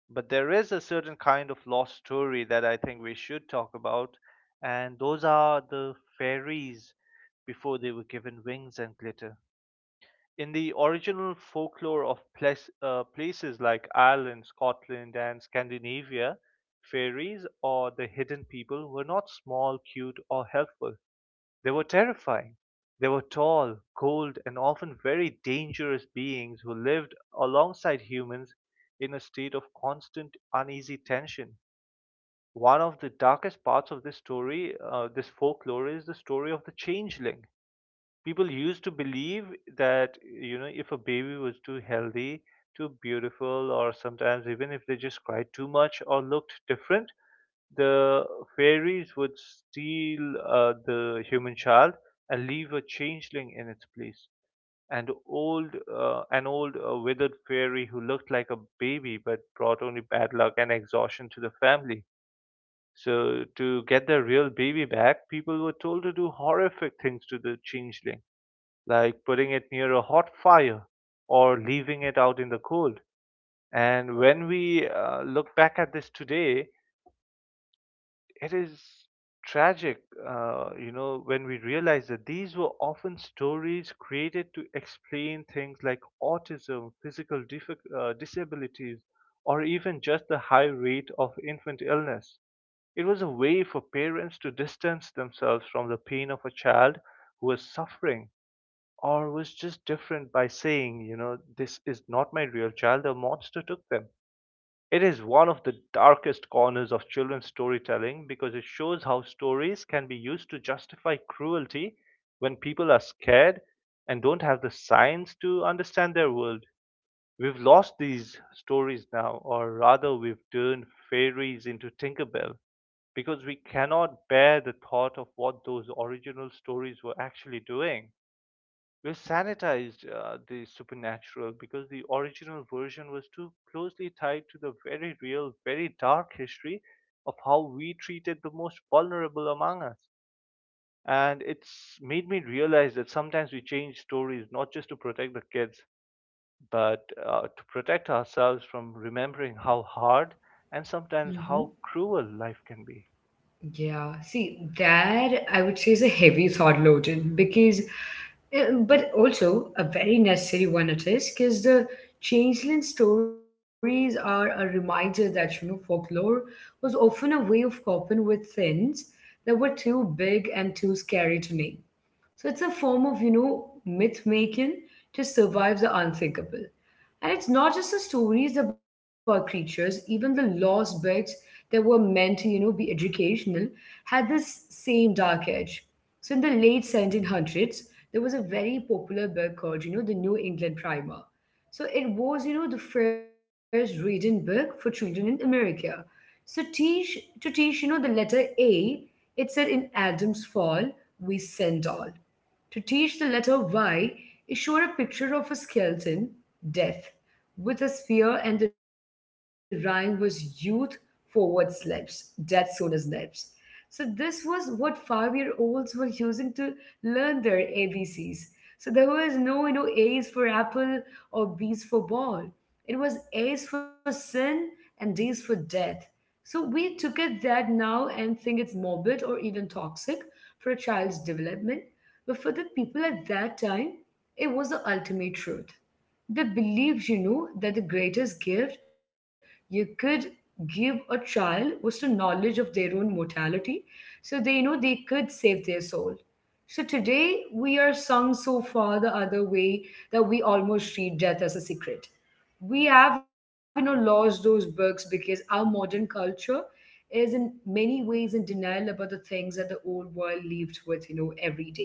B: But there is a certain kind of lost story that I think we should talk about, and those are the fairies before they were given wings and glitter. In the original folklore of places like Ireland, Scotland, and Scandinavia, fairies or the hidden people were not small, cute, or helpful. They were terrifying. They were tall, cold, and often very dangerous beings who lived alongside humans in a state of constant uneasy tension. One of the darkest parts of this folklore, is the story of the changeling. People used to believe that, if a baby was too healthy, too beautiful, or sometimes even if they just cried too much or looked different, the fairies would steal the human child and leave a changeling in its place, and old an old withered fairy who looked like a baby but brought only bad luck and exhaustion to the family. So to get their real baby back, people were told to do horrific things to the changeling, like putting it near a hot fire or leaving it out in the cold. And when we look back at this today, it is tragic, when we realize that these were often stories created to explain things like autism, physical disabilities, or even just the high rate of infant illness. It was a way for parents to distance themselves from the pain of a child who was suffering or was just different by saying, you know, this is not my real child, a monster took them. It is one of the darkest corners of children's storytelling because it shows how stories can be used to justify cruelty when people are scared and don't have the science to understand their world. We've lost these stories now, or rather, we've turned fairies into Tinkerbell because we cannot bear the thought of what those original stories were actually doing. We sanitized the supernatural because the original version was too closely tied to the very real, very dark history of how we treated the most vulnerable among us. And it's made me realize that sometimes we change stories not just to protect the kids, but to protect ourselves from remembering how hard and sometimes
A: Mm-hmm.
B: how cruel life can be.
A: Yeah, see, that I would say is a heavy thought, loaded, because, but also a very necessary one, it is, because the changeling stories are a reminder that, folklore was often a way of coping with things that were too big and too scary to name. So it's a form of, myth making to survive the unthinkable. And it's not just the stories about creatures, even the lost books that were meant to, be educational had this same dark edge. So in the late 1700s, there was a very popular book called, the New England Primer. So it was, the first reading book for children in America. So teach to teach, the letter A, it said in Adam's fall, we send all. To teach the letter Y, he showed a picture of a skeleton, death, with a spear, and the rhyme was youth forward slips, death sooner slips. So this was what five-year-olds were using to learn their ABCs. So there was no, A's for apple or B's for ball. It was A's for sin and D's for death. So we took it that now and think it's morbid or even toxic for a child's development. But for the people at that time, it was the ultimate truth. They believed, that the greatest gift you could give a child was the knowledge of their own mortality. So they could save their soul. So today we are sung so far the other way that we almost treat death as a secret. We have, lost those books because our modern culture is in many ways in denial about the things that the old world lived with, every day.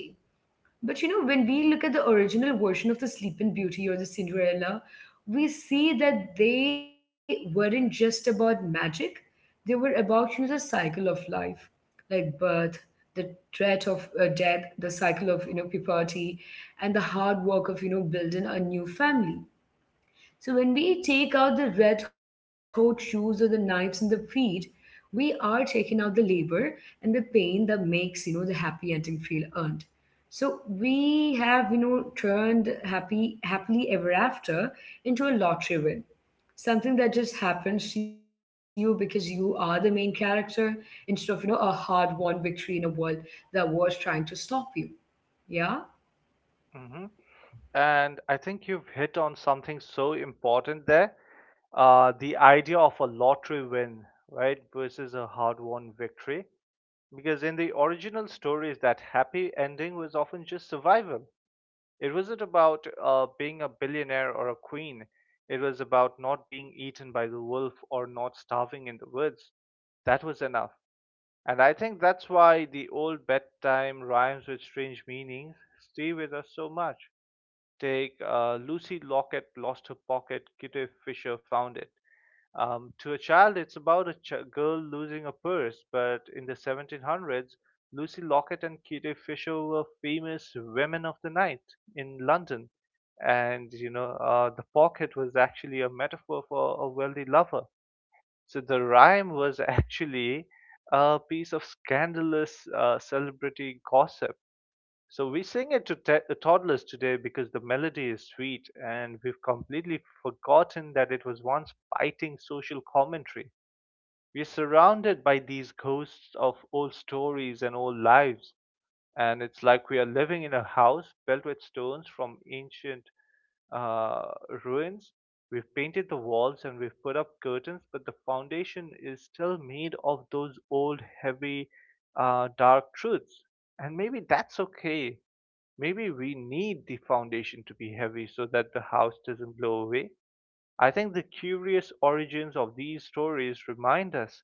A: But when we look at the original version of the Sleeping Beauty or the Cinderella, we see that they weren't just about magic, they were about, the cycle of life, like birth, the threat of death, the cycle of puberty, and the hard work of building a new family. So when we take out the red hot shoes or the knives in the feet, we are taking out the labor and the pain that makes the happy ending feel earned. So we have turned happy happily ever after into a lottery win, something that just happens to you because you are the main character instead of a hard won victory in a world that was trying to stop you. Yeah.
B: Hmm. And I think you've hit on something so important there. The idea of a lottery win, right, versus a hard won victory. Because in the original stories, that happy ending was often just survival. It wasn't about being a billionaire or a queen, it was about not being eaten by the wolf or not starving in the woods. That was enough. And I think that's why the old bedtime rhymes with strange meanings stay with us so much. Take Lucy Lockett lost her pocket, Kitty Fisher found it. To a child, it's about a girl losing a purse, but in the 1700s, Lucy Lockett and Kitty Fisher were famous women of the night in London. And, the pocket was actually a metaphor for a wealthy lover. So the rhyme was *laughs* actually a piece of scandalous celebrity gossip. So we sing it to toddlers today because the melody is sweet, and we've completely forgotten that it was once biting social commentary. We're surrounded by these ghosts of old stories and old lives, and it's like we are living in a house built with stones from ancient uh, ruins. We've painted the walls and we've put up curtains, but the foundation is still made of those old, heavy, dark truths. And maybe that's okay. Maybe we need the foundation to be heavy so that the house doesn't blow away. I think the curious origins of these stories remind us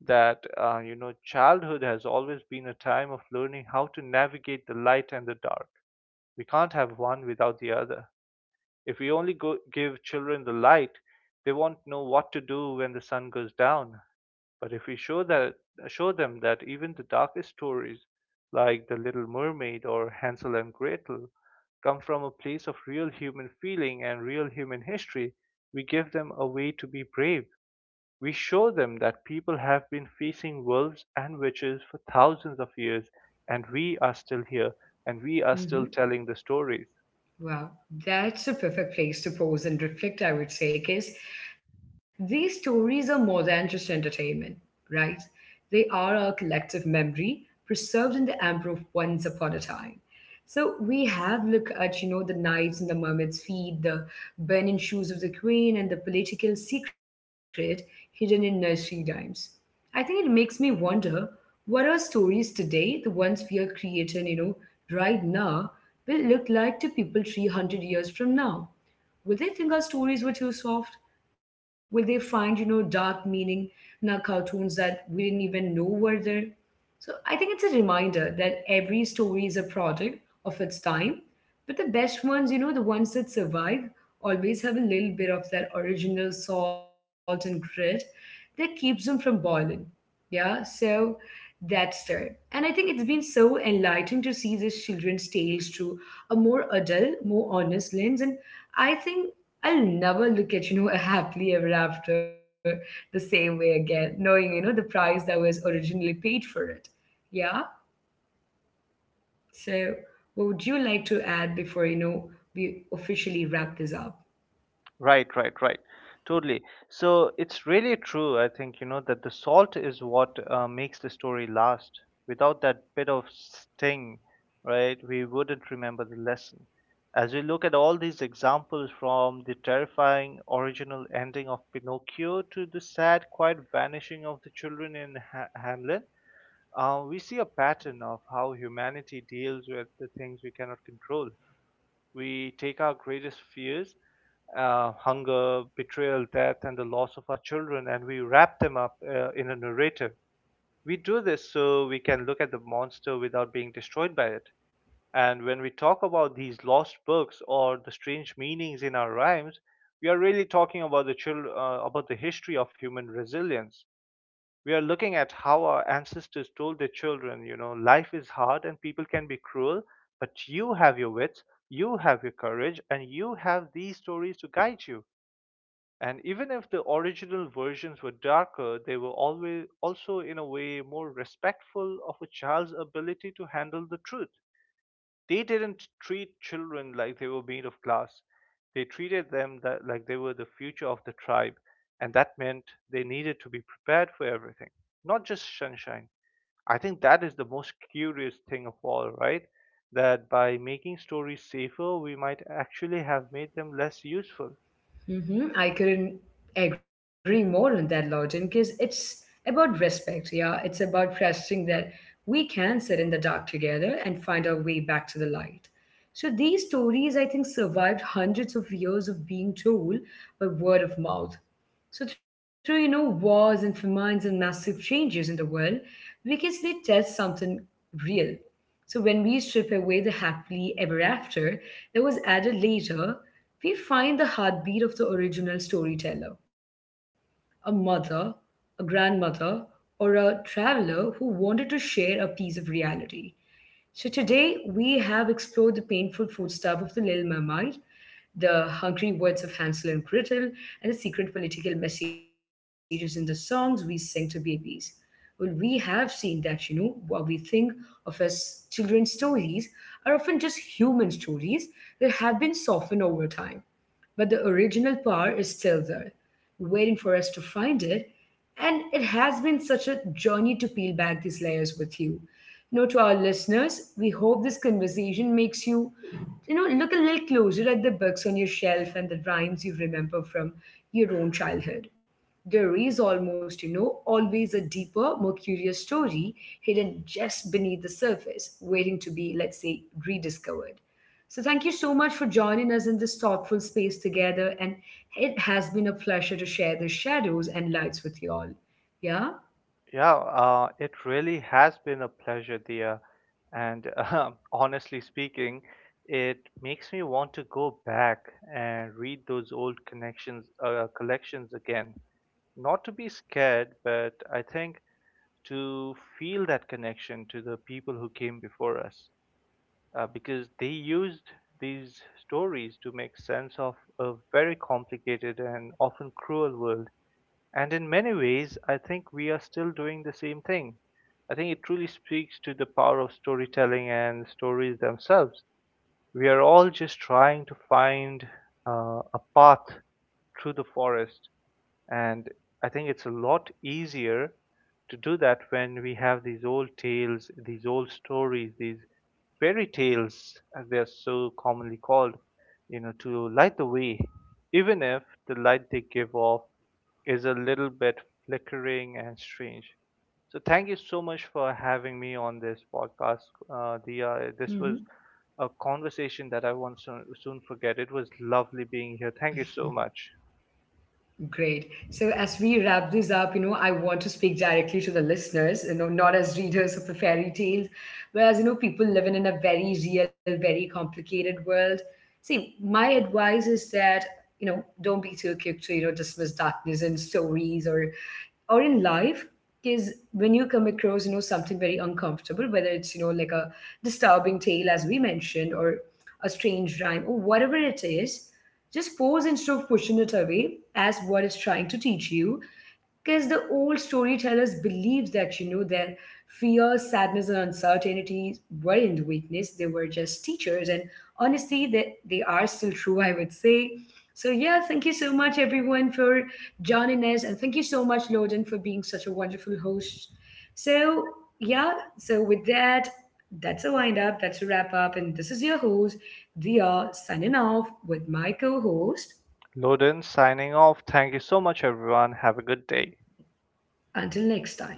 B: that, childhood has always been a time of learning how to navigate the light and the dark. We can't have one without the other. If we only give children the light, they won't know what to do when the sun goes down. But if we show them that even the darkest stories, like The Little Mermaid or Hansel and Gretel, come from a place of real human feeling and real human history, we give them a way to be brave. We show them that people have been facing wolves and witches for thousands of years, and we are still here, and we are
A: Mm-hmm.
B: still telling the stories.
A: Wow, that's a perfect place to pause and reflect, I would say, because these stories are more than just entertainment, right? They are our collective memory preserved in the amber of once upon a time. So we have look at the knives and the mermaid's feet, the burning shoes of the queen, and the political secret hidden in nursery rhymes. I think it makes me wonder what our stories today, the ones we are creating, right now, will look like to people 300 years from now. Will they think our stories were too soft? Will they find, dark meaning in our cartoons that we didn't even know were there? So I think it's a reminder that every story is a product of its time. But the best ones, the ones that survive, always have a little bit of that original salt and grit that keeps them from boiling. Yeah, so that's there. And I think it's been so enlightening to see these children's tales through a more adult, more honest lens. And I think I'll never look at, *laughs* a happily ever after the same way again, knowing, the price that was originally paid for it. Yeah. So, what would you like to add before we officially wrap this up?
B: Right, right, right. Totally. So it's really true, I think, you know, that the salt is what makes the story last. Without that bit of sting, right, we wouldn't remember the lesson. As we look at all these examples from the terrifying original ending of Pinocchio to the sad, quiet vanishing of the children in Hamlet, we see a pattern of how humanity deals with the things we cannot control. We take our greatest fears, hunger, betrayal, death, and the loss of our children, and we wrap them up in a narrative. We do this so we can look at the monster without being destroyed by it. And when we talk about these lost books or the strange meanings in our rhymes, we are really talking about the about the history of human resilience. We are looking at how our ancestors told their children, you know, life is hard and people can be cruel, but you have your wits, you have your courage, and you have these stories to guide you. And even if the original versions were darker, they were always also in a way more respectful of a child's ability to handle the truth. They didn't treat children like they were made of glass. They treated them that, like they were the future of the tribe, and that meant they needed to be prepared for everything, not just sunshine. I think that is the most curious thing of all, right? That by making stories safer, we might actually have made them less useful.
A: Mm-hmm. I couldn't agree more on that, Lawton, because it's about respect. Yeah, it's about trusting that we can sit in the dark together and find our way back to the light. So these stories, I think, survived hundreds of years of being told by word of mouth. So through wars and famines and massive changes in the world, because they tell something real. So when we strip away the happily ever after that was added later, we find the heartbeat of the original storyteller, a mother, a grandmother, or a traveler who wanted to share a piece of reality. So today we have explored the painful foodstuff of the Little Mermaid, the hungry words of Hansel and Gretel, and the secret political messages in the songs we sing to babies. Well, we have seen that, what we think of as children's stories are often just human stories that have been softened over time, but the original power is still there, waiting for us to find it. And it has been such a journey to peel back these layers with you. To our listeners, we hope this conversation makes you, look a little closer at the books on your shelf and the rhymes you remember from your own childhood. There is almost, always a deeper, more curious story hidden just beneath the surface, waiting to be, let's say, rediscovered. So, thank you so much for joining us in this thoughtful space together. And it has been a pleasure to share the shadows and lights with you all. Yeah.
B: Yeah, it really has been a pleasure, dear. And *laughs* honestly speaking, it makes me want to go back and read those old connections collections again. Not to be scared, but I think to feel that connection to the people who came before us, because they used these stories to make sense of a very complicated and often cruel world. And in many ways, I think we are still doing the same thing. I think it truly speaks to the power of storytelling and stories themselves. We are all just trying to find a path through the forest, and I think it's a lot easier to do that when we have these old tales, these old stories, these fairy tales, as they are so commonly called, you know, to light the way, even if the light they give off is a little bit flickering and strange. So thank you so much for having me on this podcast, Dia. This was a conversation that I won't soon forget. It was lovely being here. Thank you so much.
A: Great. So as we wrap this up, I want to speak directly to the listeners, not as readers of the fairy tales, whereas, people living in a very real, very complicated world. See, my advice is that, don't be too quick to, dismiss darkness in stories or in life, because when you come across, something very uncomfortable, whether it's, like a disturbing tale as we mentioned, or a strange rhyme or whatever it is, just pause, instead of pushing it away, as what is trying to teach you, because the old storytellers believed that, their fears, sadness, and uncertainties weren't weakness, they were just teachers. And honestly, that they, are still true *laughs* I would say. So yeah, thank you so much everyone for joining us, and thank you so much Loden for being such a wonderful host. So yeah, so with that, that's a wind up, that's a wrap up, and this is your host Dia signing off with my co-host.
B: Loden signing off. Thank you so much, everyone. Have a good day.
A: Until next time.